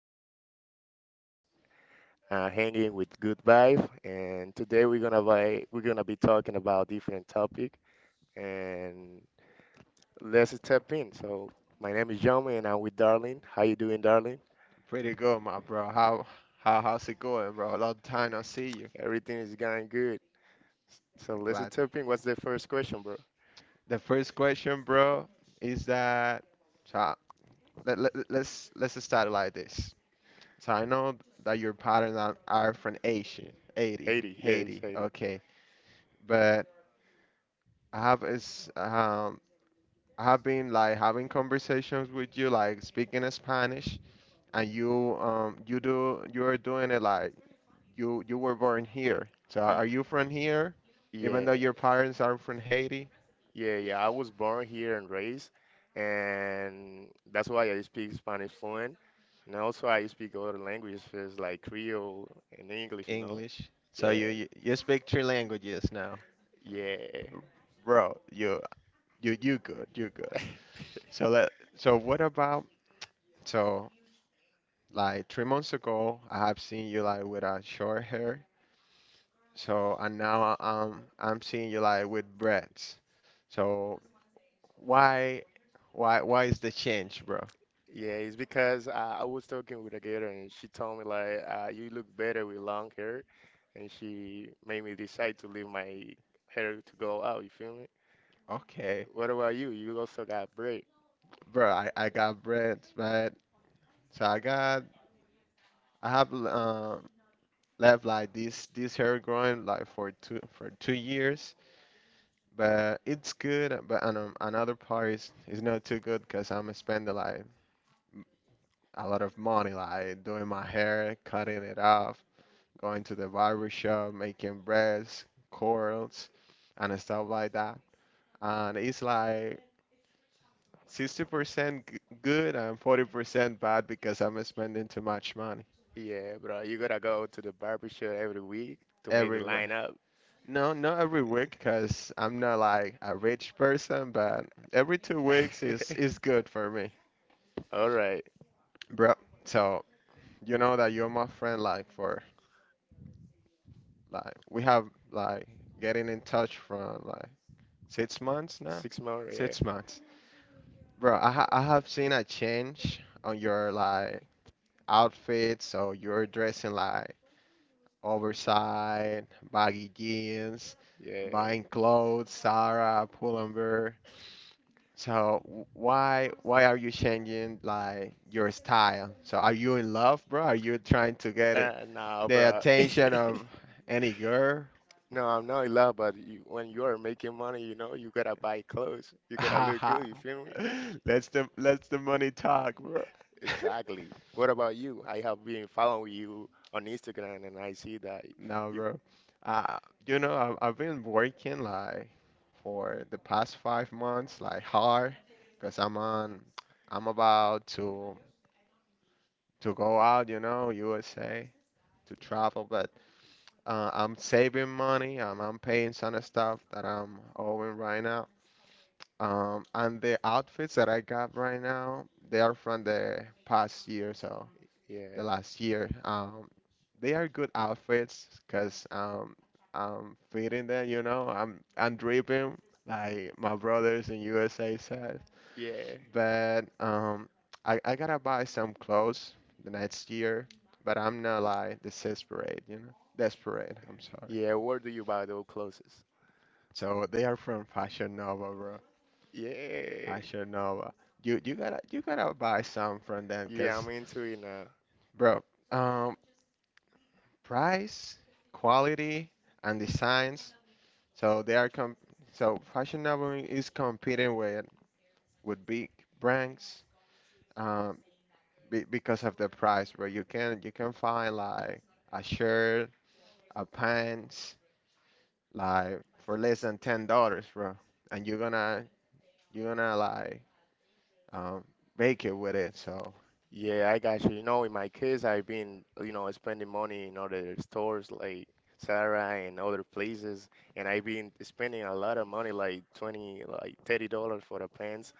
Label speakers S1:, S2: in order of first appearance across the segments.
S1: podcast is called like "Hanging with Good Vibe." And today we're gonna be talking about different topic. And let's step in. So my name is Jomi, and I'm with Darlene. How you doing, Darlene?
S2: Pretty good, my bro. How's it going, bro? A long time no see you.
S1: Everything is going good. So
S2: I'm
S1: let's
S2: glad.
S1: step in. What's the first question, bro?
S2: The first question, bro, is that so let's start like this. So I know that your parents are from Asia, Haiti,
S1: Haiti. Yeah, it's
S2: Haiti,
S1: Haiti.
S2: okay. But I have is I have been like having conversations with you, like speaking Spanish, and you're doing it like you were born here. So
S1: Y-
S2: are you from here? Even though
S1: yeah.
S2: your parents are from Haiti,
S1: Yeah, yeah. I was born here and raised, and that's why I speak Spanish fluent. And also, I speak other languages like Creole and English, you know?
S2: English. So you
S1: Yeah,
S2: you, you speak three languages now,
S1: yeah,
S2: bro. You good. You good. So let so what about so like 3 months ago I have seen you like with a short hair. So and now I'm seeing you like with braids. So why why is the change, bro?
S1: yeah. It's because I was talking with a girl, and she told me, like, you look better with long hair. And she made me decide to leave my hair to go out, you feel me?
S2: Okay,
S1: What about you? You also got braid.
S2: bro. I got braids, but so I got I have left like this hair growing like for 2 years, but it's good. Another part is not too good because I'm spending like a lot of money like doing my hair, cutting it off, going to the barber shop, making braids, curls, and stuff like that. And it's like 60% good and 40% bad because I'm spending too much money
S1: Yeah, bro. You gotta go to the barber shop every week to make the
S2: everywhere.
S1: line up.
S2: No, not every week because I'm not like a rich person, but every 2 weeks is good for me,
S1: All right.
S2: bro. So you know that you're my friend, like for like we have like getting in touch from like 6 months now,
S1: Six more, yeah,
S2: 6 months, bro. I have seen a change on your like outfit, so you're dressing like oversized, baggy jeans,
S1: yeah.
S2: buying clothes, Zara, pull. So why are you changing like your style? So are you in love, bro? Are you trying to get
S1: Nah,
S2: the
S1: bro.
S2: attention of any girl?
S1: No, I'm not in love, but you, when you are making money, you know, you gotta buy clothes. You gotta look
S2: Haha.
S1: good, you feel me?
S2: Let's the money talk, bro.
S1: Exactly. What about you? I have been following you on Instagram and I see that
S2: No,
S1: you,
S2: bro. Uh, you know, I've been working like for the past 5 months, like hard, because I'm about to go out, you know, USA to travel. But I'm saving money. I'm paying some stuff that I'm owing right now. And the outfits that I got right now, they are from the past year, so
S1: yeah,
S2: the last year. They are good outfits because I'm fitting there, you know. I'm dripping like my brothers in USA said.
S1: yeah,
S2: But I gotta buy some clothes the next year, but I'm not like desperate, you know. Desperate. I'm sorry.
S1: yeah. Where do you buy those clothes?
S2: So they are from Fashion Nova, bro.
S1: Yeah,
S2: Fashion Nova. You gotta buy some from them,
S1: yeah,
S2: cause
S1: I'm into it now.
S2: bro, um, price, quality, and designs. So they are com. So Fashion Nova is competing with big brands, um, because of the price, bro. You can find like a shirt, a pants, like for less than $10, bro. And you're gonna like um, make it with it. So.
S1: Yeah, I got you. You know, in my case, I've been, you know, spending money in other stores like Zara and other places, and I've been spending a lot of money, like 20, like $30 for the pants,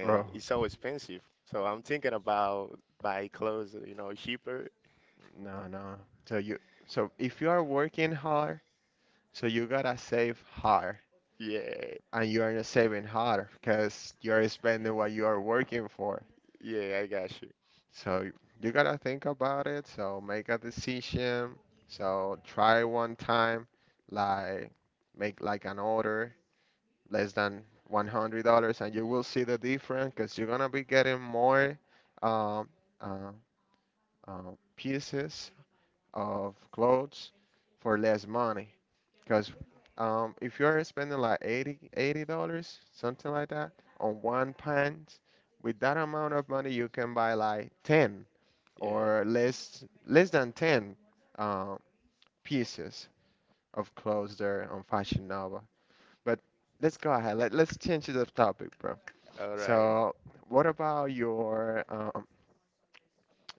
S2: Bro,
S1: it's so expensive. So I'm thinking about buy clothes, you know, cheaper.
S2: no, no. So you, so if you are working hard, so you gotta save hard,
S1: Yeah,
S2: and you are not saving hard because you are spending what you are working for.
S1: yeah, I got you.
S2: So you gotta think about it. So make a decision. So try one time, like make like an order less than $100, and you will see the difference because you're gonna be getting more um, uh, pieces of clothes for less money. Because if you're spending like $80, something like that, on one pint, with that amount of money, you can buy like ten
S1: Yeah.
S2: or less than ten uh, pieces of clothes there on Fashion Nova. But let's go ahead. Let's change the topic, bro.
S1: All right.
S2: So, what about your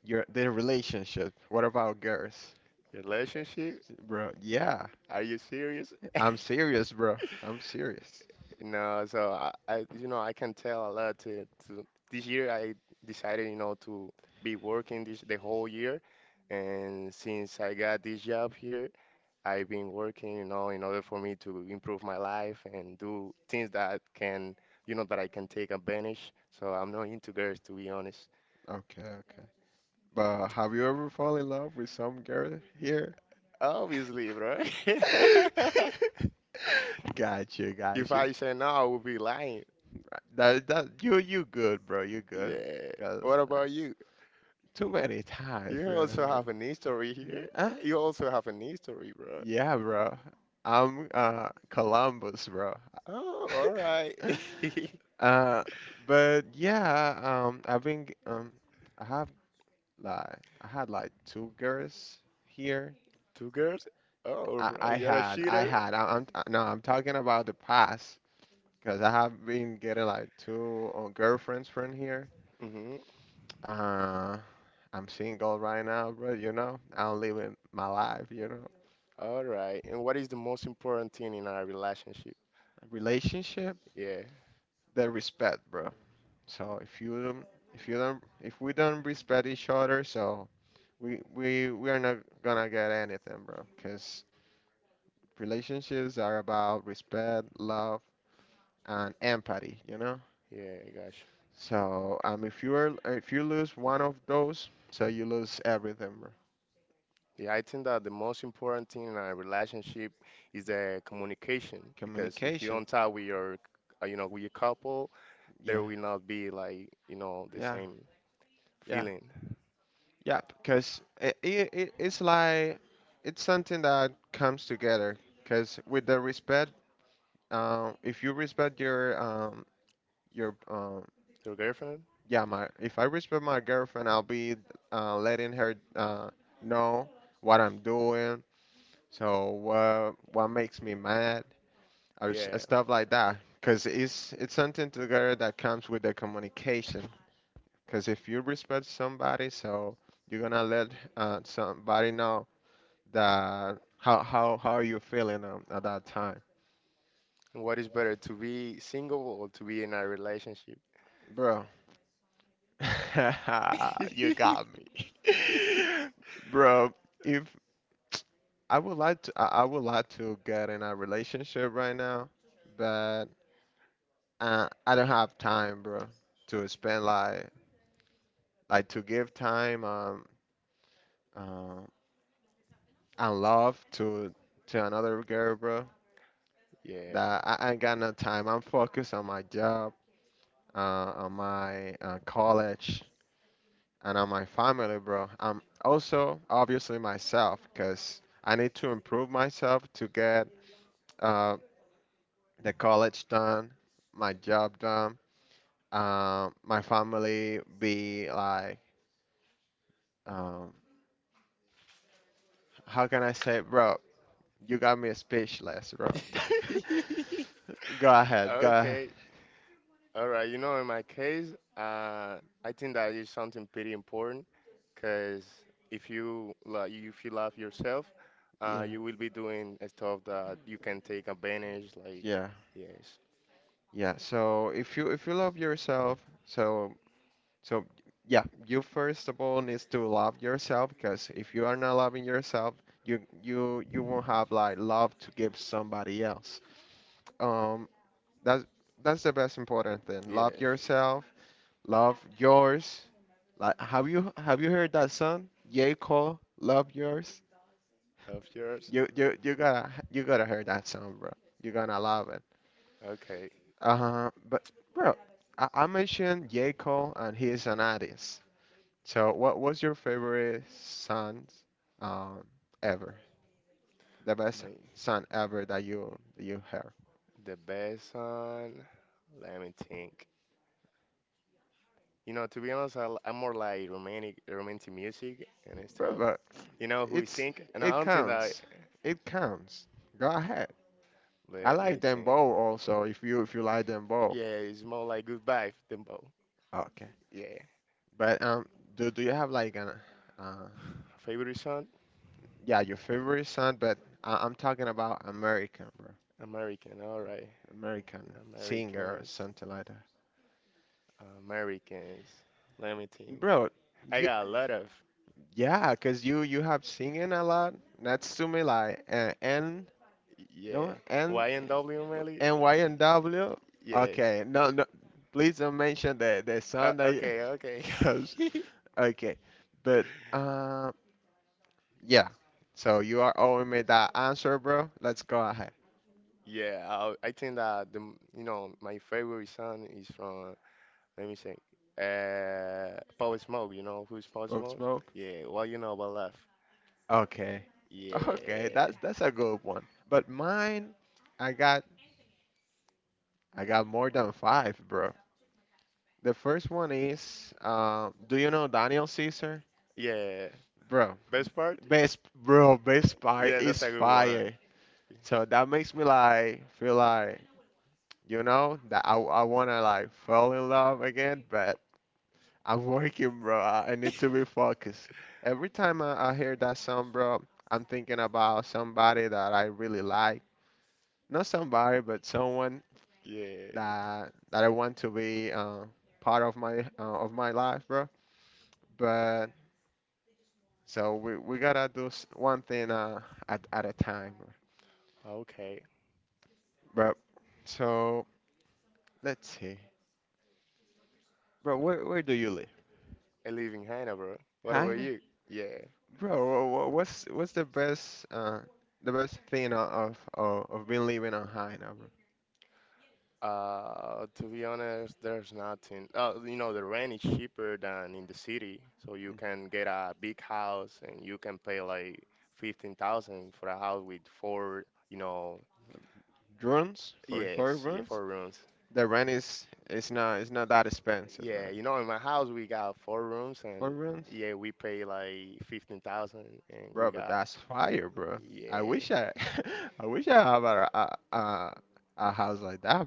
S2: the relationship? What about girls,
S1: Relationship?
S2: bro? Yeah,
S1: Are you serious?
S2: I'm serious, bro. I'm serious.
S1: You know, so I, you know, I can tell a lot to this year. I decided, you know, to be working this the whole year, and since I got this job here, I've been working, you know, in order for me to improve my life and do things that can, you know, that I can take advantage. So I'm not into girls, to be honest.
S2: Okay. Okay, but have you ever fall in love with some girl here?
S1: Obviously, bro.
S2: Gotcha,
S1: If
S2: gotcha. Right,
S1: I say no, I would be lying.
S2: that you you good, bro. You good.
S1: Yeah.
S2: Cause
S1: What about you?
S2: too many times,
S1: You
S2: bro.
S1: also have an history here.
S2: Huh?
S1: You also have an history, bro.
S2: Yeah, bro. I'm Columbus, bro.
S1: Oh, all right.
S2: Uh, but yeah, um, I've been g- um, I have I had like two girls here.
S1: Two girls? Oh, bro, you're a
S2: I
S1: cheater?
S2: had. I'm no, I'm talking about the past because I have been getting like two girlfriends from here.
S1: Mm-hmm.
S2: Uh, I'm single right now, bro. You know, I'm living my life. You know,
S1: All right. And what is the most important thing in our relationship?
S2: relationship,
S1: Yeah,
S2: the respect, bro. So if you don't, if we don't respect each other, so we we are not gonna get anything, bro. Because relationships are about respect, love, and empathy. You know.
S1: yeah, gosh.
S2: So if you are if you lose one of those, so you lose everything, bro.
S1: Yeah, I think that the most important thing in our relationship is the communication because if you
S2: Communication.
S1: don't talk with your, you know, with your couple,
S2: Yeah,
S1: there will not be like, you know, the
S2: yeah,
S1: same
S2: yeah,
S1: feeling.
S2: yeah. Because it it's like it's something that comes together. Because with the respect, if you respect your your um
S1: Your girlfriend?
S2: yeah my if I respect my girlfriend, I'll be letting her know what I'm doing. So what makes me mad? Or
S1: Yeah.
S2: stuff like that because it's something together that comes with the communication because if you respect somebody so you're gonna let somebody know that how you feeling at that time,
S1: And what is better, to be single or to be in a relationship?
S2: bro. You got me. Bro, if I I would like to get in a relationship right now, but I don't have time, bro, to spend like to give time. Uh, and love to another girl, bro.
S1: Yeah.
S2: That I ain't got no time. I'm focused on my job, uh, on my college, and on my family, bro. I'm also obviously myself, cause I need to improve myself to get uh, the college done, my job done, my family be like, um, how can I say, bro? You got me speechless, bro. Go ahead, go ahead.
S1: Okay. All right. You know, in my case, I think that is something pretty important because if you like, if you love yourself,
S2: Yeah,
S1: you will be doing stuff that you can take advantage. Like,
S2: yeah,
S1: yes,
S2: yeah. So if you love yourself, so so yeah, you first of all needs to love yourself because if you are not loving yourself, you you won't have like love to give somebody else. Um, that's the best important thing. Love
S1: yes,
S2: yourself, love yours. Like have you heard that song? J. Cole, Love Yours.
S1: love yours.
S2: You gotta hear that song, bro. You're gonna love it.
S1: Okay.
S2: Uh-huh. But bro, I mentioned J. Cole and he's an artist. So what was your favorite song um ever? The best
S1: My,
S2: song ever that you heard.
S1: the best one. Let me think. You know, to be honest, I'm more like romantic, romantic music and
S2: Bro,
S1: stuff.
S2: but
S1: You know who is
S2: it's
S1: think? And I
S2: it
S1: don't think that.
S2: counts. It counts. Go ahead. I
S1: Let me
S2: like them
S1: think.
S2: both also if you like them both.
S1: Yeah, it's more like good vibe than both.
S2: Okay.
S1: Yeah.
S2: But do you have like an uh
S1: Favorite song?
S2: yeah, your favorite song, but I'm talking about American, bro.
S1: American. All right.
S2: American singer or
S1: Americans.
S2: something like that.
S1: Americans. Let me think.
S2: Bro,
S1: I
S2: you
S1: got a lot of.
S2: yeah, cause you have singing a lot. Natsume like you
S1: Yeah.
S2: know N
S1: YNW Melly?
S2: N Y N W.
S1: Yeah.
S2: Okay, no, please don't mention the song that you,
S1: Okay, okay.
S2: cause okay, but um yeah. So you are owing me that answer, bro. Let's go ahead.
S1: Yeah, I think that you know my favorite song is from let me say Power Smoke. You know who's Power
S2: Book
S1: Smoke?
S2: smoke.
S1: Yeah, well you know about love.
S2: Okay, okay, that's
S1: Yeah.
S2: a good one. But mine, I got I got more than five. The first one is, do you know Daniel Caesar?
S1: Yeah.
S2: Bro,
S1: Best part?
S2: best part
S1: Yeah, that's
S2: is
S1: a good one.
S2: fire. So that makes me like feel like you know that I wanna like fall in love again, but I'm working, bro. I need to be focused. Every time I hear that song, bro, I'm thinking about somebody that I really like. Not somebody, but someone
S1: Yeah.
S2: that I want to be part of my life, bro. But we gotta do one thing at a time,
S1: Okay.
S2: bro. So let's see, bro. Where do you live?
S1: I live in China, bro. What about
S2: China,
S1: you? Yeah.
S2: bro. What's the best thing of being living on China, bro?
S1: To be honest, there's nothing. You know, the rent is cheaper than in the city, so you can get a big house and you can pay like 15,000 for a house with four, you know,
S2: Drones for
S1: yes, yeah,
S2: drones.
S1: four rooms.
S2: The rent is it's not that expensive,
S1: Yeah,
S2: bro.
S1: you know, in my house we got four rooms
S2: For
S1: and
S2: drones,
S1: yeah, we pay like 15,000 and we
S2: bro. But
S1: got
S2: that's fire, bro. I wish
S1: yeah,
S2: I. I wish I have a house like that.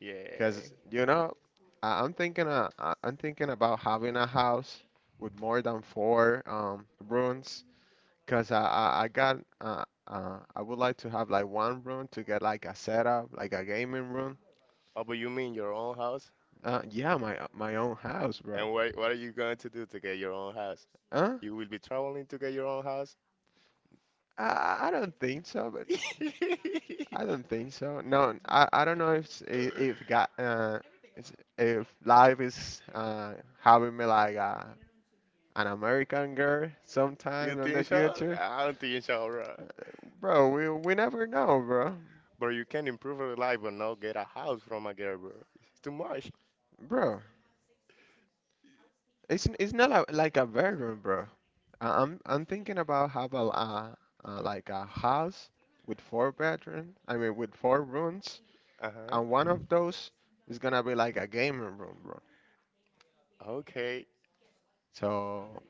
S1: yeah.
S2: Because you know, I- I'm thinking about having a house with more than four rooms. Cause I got I would like to have like one room to get like a setup, like a gaming room.
S1: Oh, but you mean your own house?
S2: Yeah, my own house, bro.
S1: And what are you going to do to get your own house?
S2: Huh?
S1: You will be traveling to get your own house?
S2: I don't think so, but I don't think so. No, I don't know if if got it's- if life is having me like a an American girl
S1: You
S2: sometime in the
S1: think so?
S2: future.
S1: I don't think so, bro.
S2: Bro, we never know, bro.
S1: But you can improve your life, but not get a house from a girl, bro. It's too much.
S2: Bro, it's not a, like a bedroom, bro. I'm thinking about have a like a house with four bedroom. I mean with four rooms,
S1: Uh-huh.
S2: and one of those is gonna be like a gaming room, bro.
S1: Okay,
S2: So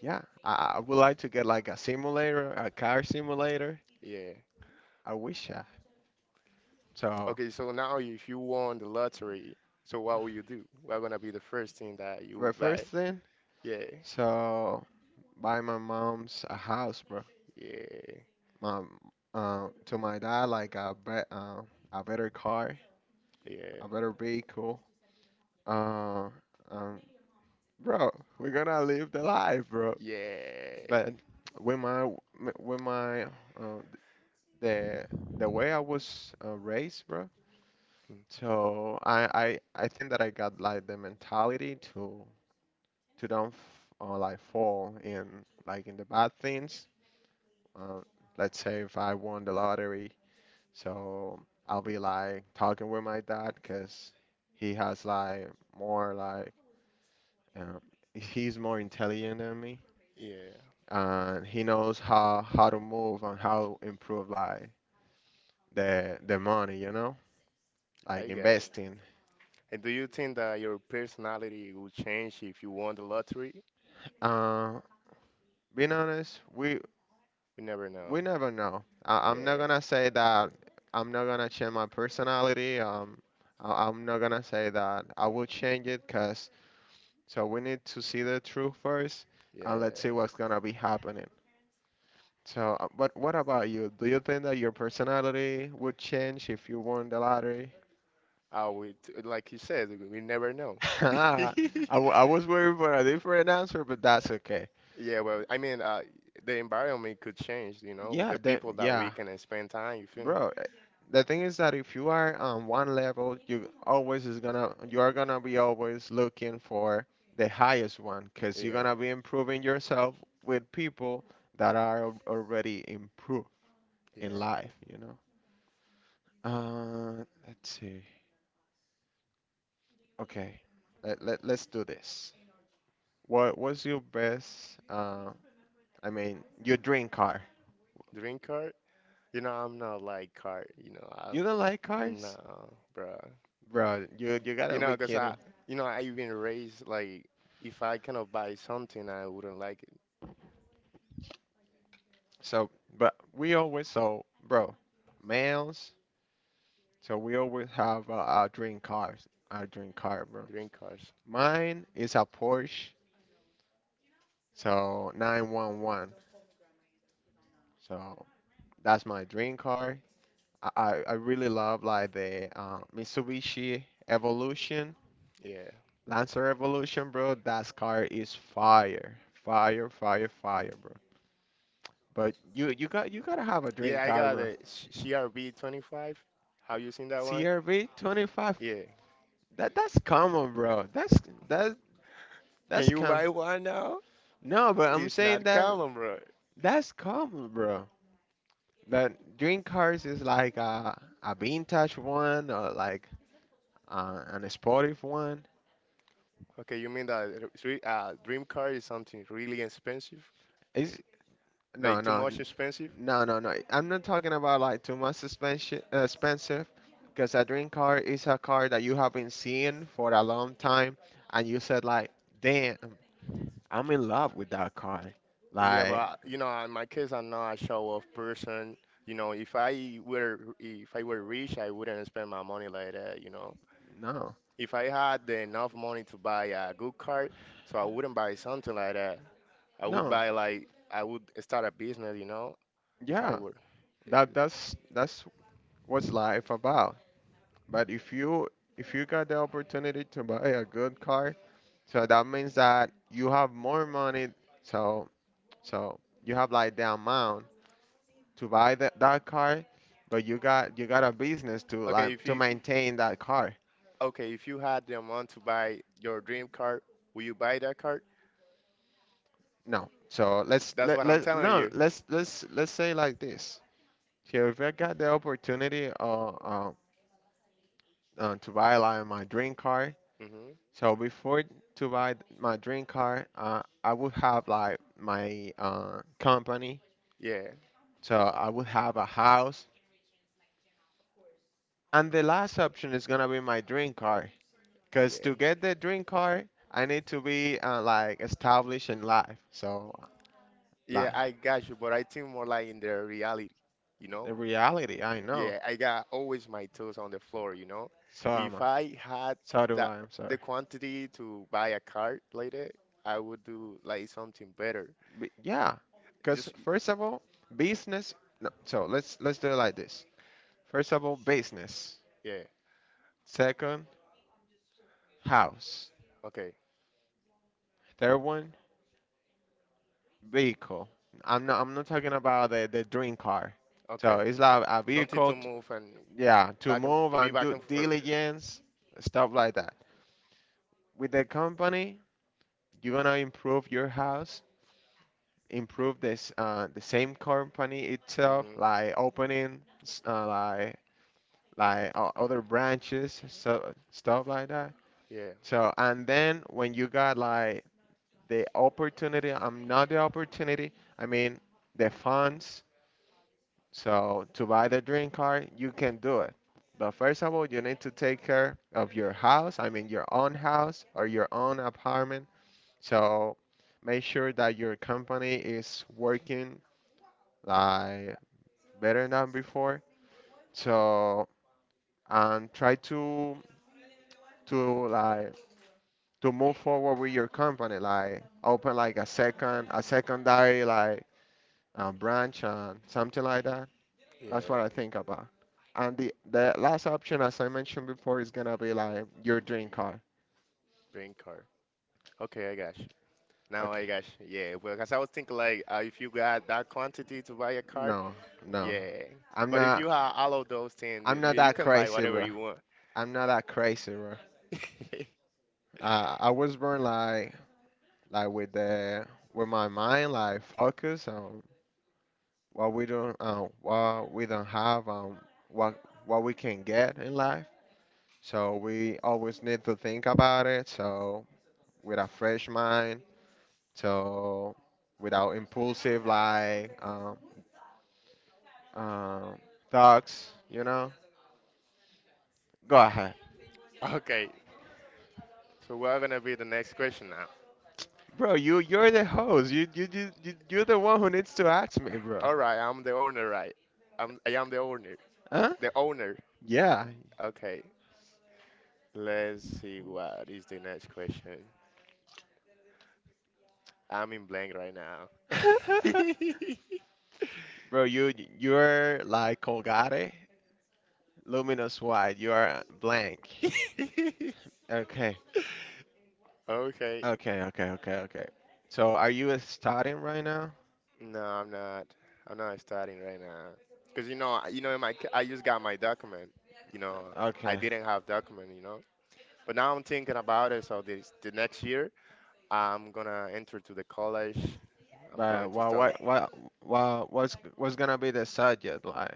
S2: yeah, I would like to get like a simulator, a car simulator.
S1: yeah.
S2: I wish I. So,
S1: Okay, so now if you won the lottery, so what will you do? What gonna be the first thing that you
S2: but
S1: would buy?
S2: first thing,
S1: Yeah,
S2: so buy my mom's a house, bro.
S1: yeah,
S2: um, to my dad like a be a better car,
S1: yeah,
S2: a better vehicle. Uh, um, bro, we're gonna live the life, bro.
S1: yeah,
S2: But with my with my uh, the the way I was raised, bro.
S1: mm,
S2: So I think that I got like the mentality to don't f like fall in like in the bad things. Uh, let's say if I won the lottery. So I'll be like talking with my dad because he has like more like um, he's more intelligent than me,
S1: yeah.
S2: and he knows how to move and how to improve like the money, you know, like
S1: Hi guys.
S2: investing.
S1: And do you think that your personality will change if you won the lottery?
S2: Uh, being honest, we
S1: We never know.
S2: we never know. I'm not
S1: Yeah,
S2: gonna say that I'm not gonna change my personality. I'm not gonna say that I will change it, 'cause so we need to see the truth first, and let's see
S1: yeah.
S2: what's gonna be happening. But what about you? Do you think that your personality would change if you won the lottery?
S1: Oh, we like you said, we never know.
S2: I, I was waiting for a different answer, but that's okay.
S1: Yeah, well, I mean, the environment could change, you know, with
S2: Yeah,
S1: the
S2: that
S1: people that we
S2: yeah,
S1: can spend time, you feel me?
S2: bro. The thing is that if you are on one level, you are gonna be always looking for the highest one, cause you're
S1: Yeah,
S2: gonna be improving yourself with people that are already improved in
S1: yeah.
S2: life, you know. Let's see. Okay, let's do this. What was your best, I mean, your dream car?
S1: Drink card? You know, I'm not like card, you know,
S2: You don't like cars?
S1: no, bro.
S2: Bro, you gotta
S1: You
S2: be
S1: know, 'cause
S2: kidding.
S1: you know, I have been raised, like, if I cannot buy something, I wouldn't like it.
S2: So, but we always, bro, males, so we always have our dream cars, our dream car, bro.
S1: Drink card,
S2: Mine is a Porsche, so 911. So, that's my dream car. I really love like the Mitsubishi Evolution
S1: yeah.
S2: Lancer Revolution, bro. That car is fire, fire, fire, fire, bro. But you gotta have a dream
S1: Yeah, I
S2: car,
S1: got
S2: bro.
S1: it. CRB 25. Have you seen that one?
S2: CRV 25.
S1: Yeah.
S2: That that's common, bro. That
S1: Can
S2: that's
S1: you
S2: common.
S1: buy one now?
S2: No, but I'm
S1: It's
S2: saying
S1: not
S2: that
S1: common, bro.
S2: that's common, bro. That dream cars is like a vintage one, or like an sportive one.
S1: Okay, you mean that dream car is something really expensive? Yeah. Like
S2: No,
S1: too
S2: no,
S1: much expensive?
S2: no, no, no. I'm not talking about like too much expensive, expensive, because a dream car is a car that you haven't seen for a long time, and you said like, damn, I'm in love with that car.
S1: Yeah, but
S2: Like,
S1: you know, in my case, I'm not a show-off person. You know, if I were rich, I wouldn't spend my money like that, you know.
S2: no,
S1: If I had the enough money to buy a good car, so I wouldn't buy something like that. I would
S2: no,
S1: buy like I would start a business, you know, if I
S2: yeah,
S1: were. Eh,
S2: that's what's life about. But if you got the opportunity to buy a good car, so that means that you have more money. So so you have like the amount to buy that car, but you got a business to
S1: Okay,
S2: like
S1: if
S2: to
S1: you
S2: maintain that car.
S1: okay, if you had the amount to buy your dream car, will you buy that car?
S2: No. So let's
S1: That's
S2: let,
S1: what I'm
S2: let
S1: telling
S2: no
S1: you.
S2: let's say like this. So if I got the opportunity to buy like my dream car,
S1: Hmm.
S2: so before to buy my dream car, I would have like my company.
S1: Yeah,
S2: So I would have a house, and the last option is gonna be my dream car. Because
S1: yeah,
S2: to get the dream car, I need to be like established in life. So, like
S1: yeah. I got you, but I think more like in the reality, you
S2: the
S1: know.
S2: reality, I know.
S1: Yeah, I got always my toes on the floor, you know.
S2: So am
S1: If
S2: I.
S1: I had
S2: So do
S1: that
S2: I. I'm sorry.
S1: the quantity to buy a car later, I would do like something better.
S2: But yeah, because
S1: Just
S2: first of all, business. No, so let's do it like this. First of all, business.
S1: yeah.
S2: Second, house.
S1: Okay.
S2: Third one, vehicle. I'm not talking about the dream car. So
S1: Okay.
S2: it's like a
S1: Something
S2: vehicle.
S1: to
S2: T
S1: move and
S2: Yeah, to
S1: back and
S2: move
S1: to be
S2: and
S1: back
S2: do
S1: and forth.
S2: diligence, stuff like that. With the company, you want to improve your house, improve this the same company itself,
S1: Hmm.
S2: like like other branches, so stuff like that.
S1: Yeah,
S2: So and then when you got like the opportunity, I'm not the opportunity. I mean the funds. So to buy the dream car, you can do it. But first of all, you need to take care of your house. I mean your own house or your own apartment. So make sure that your company is working like better than before. So and try to like to move forward with your company, like open like a second a secondary like branch and something like that. That's
S1: yeah.
S2: what I think about. And the last option, as I mentioned before, is gonna be like your dream car.
S1: Green card. Okay, I got you. Now
S2: Okay.
S1: I got you. Yeah, well, cause I was thinking like, if you got that quantity to buy a card,
S2: No, no.
S1: yeah.
S2: I'm
S1: But if you
S2: not
S1: have all of those things, you
S2: I'm not
S1: you
S2: that
S1: can buy
S2: crazy,
S1: whatever
S2: bro.
S1: you want.
S2: I'm not that crazy, bro. I was born like with my mind like focus on what we don't have, what we can get in life. So we always need to think about it. So with a fresh mind. So without impulsive like um thoughts, you know. Go ahead,
S1: Okay, so we're gonna be the next question now.
S2: bro. You're the host. You're the one who needs to ask me, bro.
S1: All right, I'm the owner, right? I am the owner.
S2: Huh?
S1: The owner.
S2: Yeah.
S1: Okay, let's see what is the next question. I'm in blank right now.
S2: Bro, you you're like Colgate, luminous white. You are blank. Okay,
S1: Okay.
S2: okay, okay, okay, okay. So are you studying right now?
S1: No, I'm not. I'm not starting right now. Cause you know, you know, I just got my document. You know, I
S2: Okay,
S1: didn't have document. You know, but now I'm thinking about it. So this the next year, I'm gonna enter to the college. I'm
S2: but
S1: going to
S2: well,
S1: study
S2: what's gonna be the subject like?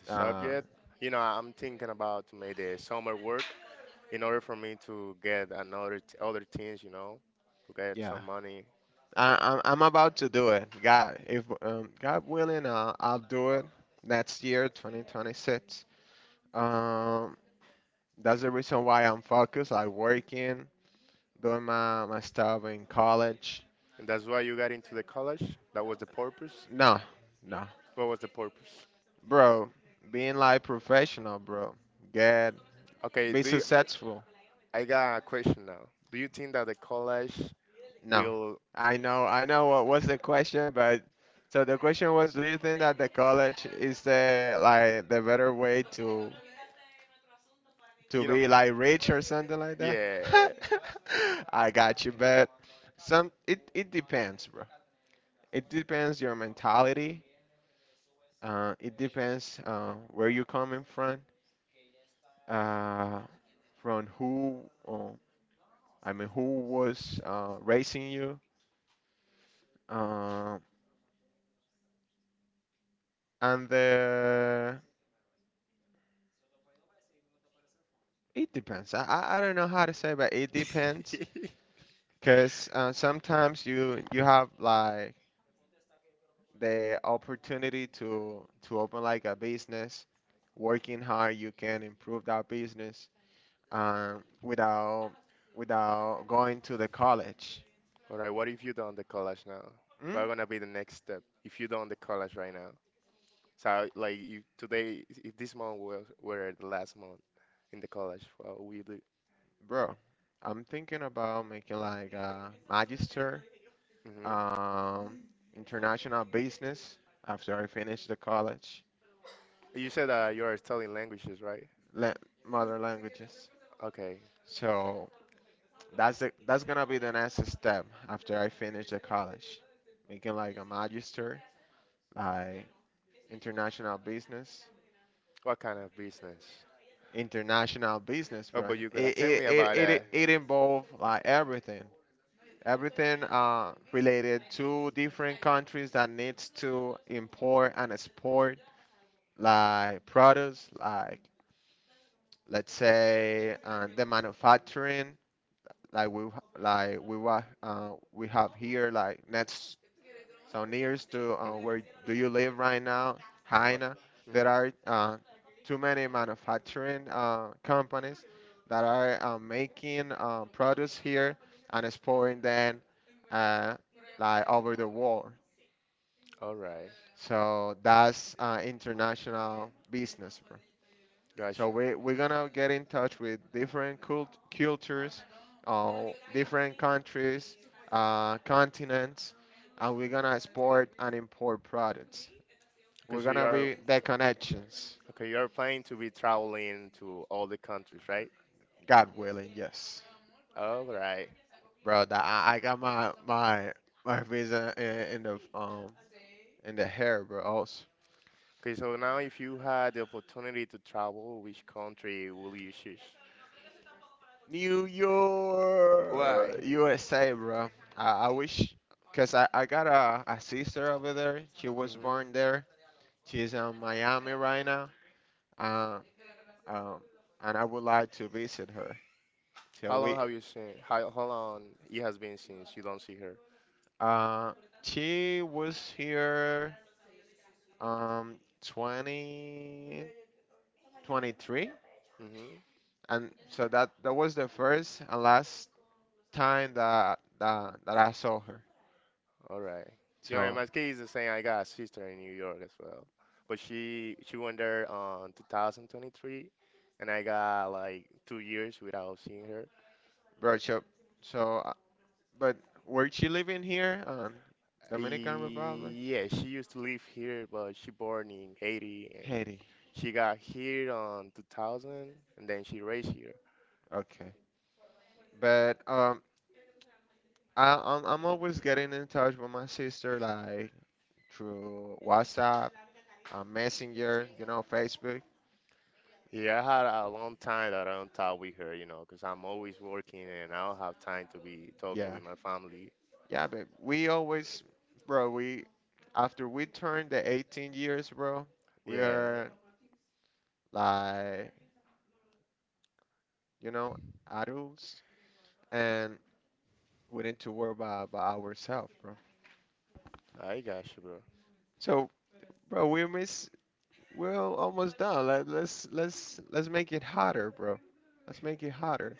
S1: the
S2: Uh,
S1: subject. You know, I'm thinking about to make the summer work in order for me to get other things. You know, to get
S2: yeah.
S1: some money.
S2: I'm about to do it. God, if God willing, I'll do it next year, 2026. Um, that's the reason why I'm focused. I working, doing my stuff in college.
S1: And that's why you got into the college. That was the purpose.
S2: No, no,
S1: What was the purpose?
S2: bro. Being like professional, bro. Get
S1: Okay,
S2: be
S1: do you,
S2: successful.
S1: I got a question now. Do you think that the college
S2: No,
S1: will,
S2: I know what was the question, but so the question was, do you think that the college is the like the better way to
S1: you know,
S2: be like rich or something like that?
S1: yeah.
S2: I got you, but some it it depends, bro. It depends your mentality. It depends where you're coming from. Uh, from who uh, I mean, who was raising you? Uh, and the it depends. I don't know how to say, but it depends. Because sometimes you have like the opportunity to open like a business. Working hard, you can improve that business, without without going to the college.
S1: All right, what if you don't the college now? What
S2: Mm?
S1: gonna be the next step if you don't the college right now? So like if today, if this month were the last month in the college, what we do?
S2: Bro, I'm thinking about making like a magister,
S1: Hmm.
S2: um, international business after I finished the college.
S1: You said that you are studying languages, right?
S2: la- Mother languages.
S1: Okay.
S2: So that's gonna be the next step after I finish the college, making like a magister, like international business,
S1: What kind of business?
S2: international business,
S1: Oh,
S2: bro.
S1: but you gotta tell me about that.
S2: It involves like everything. Everything related to different countries that needs to import and export like products, like let's say the manufacturing, like we like we have here like next so nears to where do you live right now, Haina. There
S1: Mm-hmm.
S2: are too many manufacturing companies that are making products here and exporting them uh, like over the world.
S1: All right.
S2: So that's international business. So
S1: Gotcha.
S2: we we're gonna get in touch with different cultures, uh, different countries, continents, and we're gonna export and import products.
S1: Okay,
S2: We're
S1: so you
S2: gonna
S1: are
S2: be the connections.
S1: Okay, you are planning to be traveling to all the countries, right?
S2: God willing. Yes,
S1: All right.
S2: bro. That I got my visa in the hair, bro. Also,
S1: Okay, so now if you had the opportunity to travel, which country will you choose?
S2: New York,
S1: Why?
S2: USA, bro. I wish, cause I got a sister over there. She was
S1: Hmm.
S2: born there. She's in Miami right now, uh, um, and I would like to visit her. So
S1: How
S2: we,
S1: long have you seen? How long it has been since you don't see her?
S2: uh, she was here um 20, 23,
S1: Mm-hmm.
S2: and so that that was the first and last time that that I saw her.
S1: All right. You know, in
S2: So,
S1: my case, the same. I got a sister in New York as well, but she went there on 2023, and I got like 2 years without seeing her.
S2: bro, so, so, uh, but were she living here, Dominican Republic,
S1: Yeah, she used to live here, but she born in Haiti and
S2: Haiti?
S1: she got here on 2000 and then she raised here.
S2: Okay, but. I'm always getting in touch with my sister. Like, through WhatsApp, Messenger, you know, Facebook.
S1: Yeah, I had a long time that I don't talk with her, you know, 'cause I'm always working and I don't have time to be talking
S2: Yeah,
S1: with my family.
S2: yeah, but we always, bro, we after we turn the 18 years, bro, we
S1: Yeah,
S2: are like, you know, adults, and we need to worry about ourselves, bro.
S1: I got you, bro.
S2: So, bro, we miss, we're almost done. Let's make it hotter, bro. Let's make it hotter.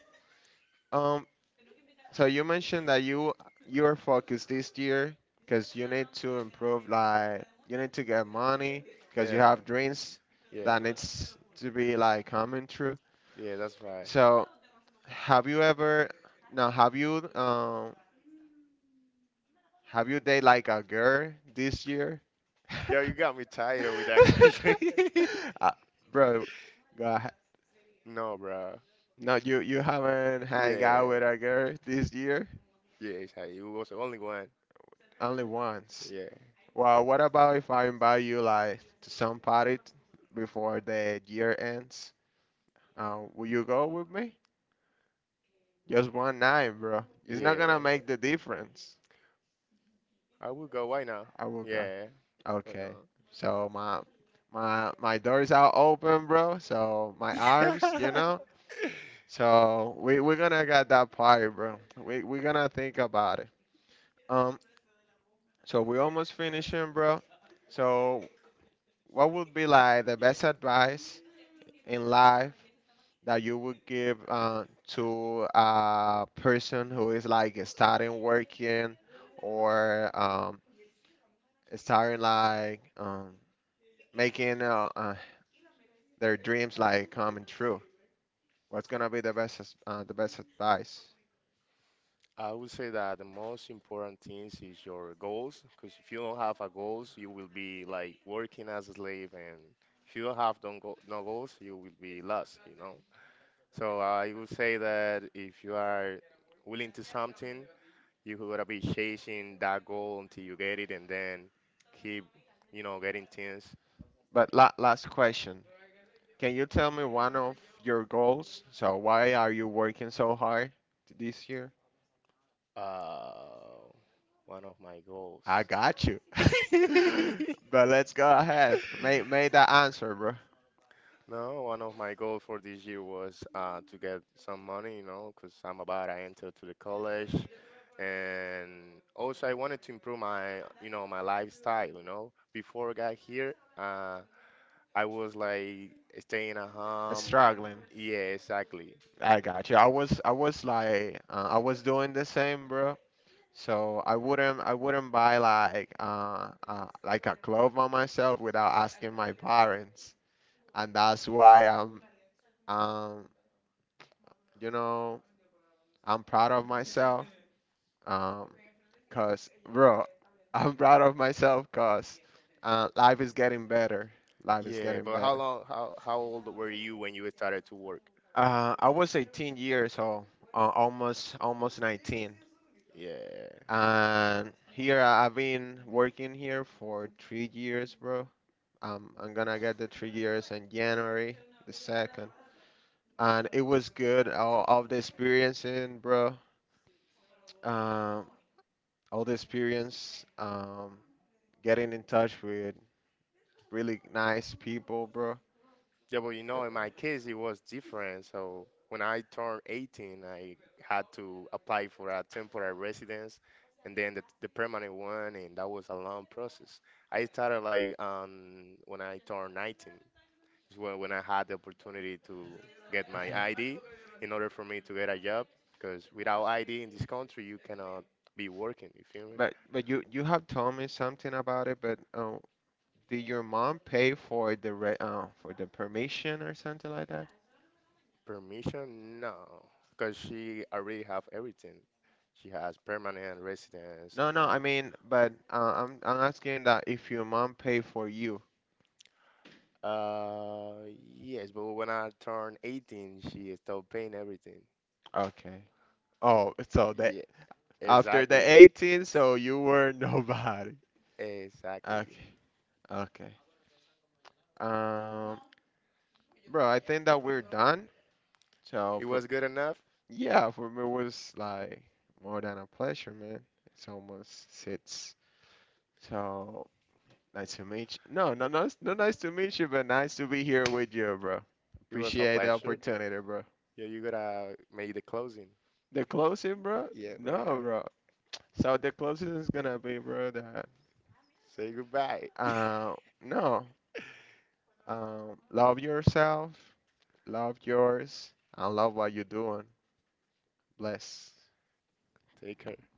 S2: Um, So you mentioned that you your focus this year because you need to improve. Like you need to get money because you
S1: Yeah,
S2: have dreams
S1: yeah,
S2: that needs to be like coming true.
S1: yeah, that's right.
S2: So have you ever now have you um have you dated like a girl this year?
S1: Yo, you got me tired with that question.
S2: uh, bro, go ahead.
S1: No, bro.
S2: No, you haven't hang out with
S1: Yeah,
S2: a girl this year?
S1: yeah, it was only one.
S2: Only once.
S1: Yeah.
S2: Well, what about if I invite you like to some party, before the year ends? Will you go with me? Just one night, bro. It's not gonna
S1: Yeah,
S2: make the difference.
S1: I would go. Why not?
S2: I will go.
S1: Yeah, why
S2: Okay.
S1: not?
S2: So my doors are open, bro. So my arms, you know. So we we're gonna get that party, bro. We we're gonna think about it. Um. So we almost finishing, bro. So what would be like the best advice in life that you would give to a person who is like starting working, or starting like making their dreams like coming true? What's gonna be the best the best advice?
S1: I would say that the most important things is your goals, because if you don't have a goals, you will be like working as a slave, and if you don't have don't go no goals, you will be lost, you know. So I would say that if you are willing to something, you gotta be chasing that goal until you get it, and then keep, you know, getting things.
S2: But last question, can you tell me one of your goals? So why are you working so hard this year?
S1: Uh, One of my goals.
S2: I got you. But let's go ahead. Make that answer, bro.
S1: No, one of my goals for this year was to get some money, you know, because I'm about to enter to the college, and also I wanted to improve my, you know, my lifestyle, you know. Before I got here, I was like staying at home.
S2: Struggling.
S1: Yeah, exactly.
S2: I got you. I was like I was doing the same, bro. So I wouldn't buy like a clothes on myself without asking my parents, and that's why I'm um you know, I'm proud of myself, um cause bro, I'm proud of myself cause life is getting better. Life is
S1: Yeah,
S2: getting
S1: but how
S2: better.
S1: long, how old were you when you started to work?
S2: I was 18 years old, almost almost 19.
S1: Yeah.
S2: And here I've been working here for 3 years, bro. I'm gonna get the 3 years in January the second, and it was good. All of the experiencing, bro. Um, all the experience. Getting in touch with really nice people, bro.
S1: Yeah, but you know, in my case, it was different. So when I turned 18, I had to apply for a temporary residence and then the permanent one, and that was a long process. I started like when I turned 19, is when I had the opportunity to get my
S2: Okay.
S1: ID in order for me to get a job. Because without ID in this country, you cannot be working, you feel me?
S2: But you you have told me something about it. But did your mom pay for the re for the permission or something like—
S1: Permission? No, because she already have everything. She has permanent residence,
S2: No,
S1: and
S2: no, I
S1: I
S2: mean, but I'm asking that if your mom paid for you.
S1: Uh, yes, but when I turned 18, she stopped paying everything.
S2: Okay. Oh, so that
S1: Yeah,
S2: after the
S1: exactly.
S2: 18, so you were nobody.
S1: Exactly.
S2: Okay, okay. Um, bro, I think that we're done. So
S1: It
S2: for
S1: was good enough.
S2: Yeah, for me it was like more than a pleasure, man. It's almost six. So nice to meet you. No, no,
S1: But
S2: no, it's not nice to meet you, but nice to be here with you, bro.
S1: it was a
S2: Appreciate the
S1: pleasure.
S2: opportunity, bro.
S1: Yeah, you gotta make the closing.
S2: The closing, bro?
S1: Yeah,
S2: No,
S1: bruh.
S2: bro. So the closest is gonna be, bro, that
S1: Say goodbye.
S2: uh, no, love yourself, love yours, and love what you're doing. Bless.
S1: Take care.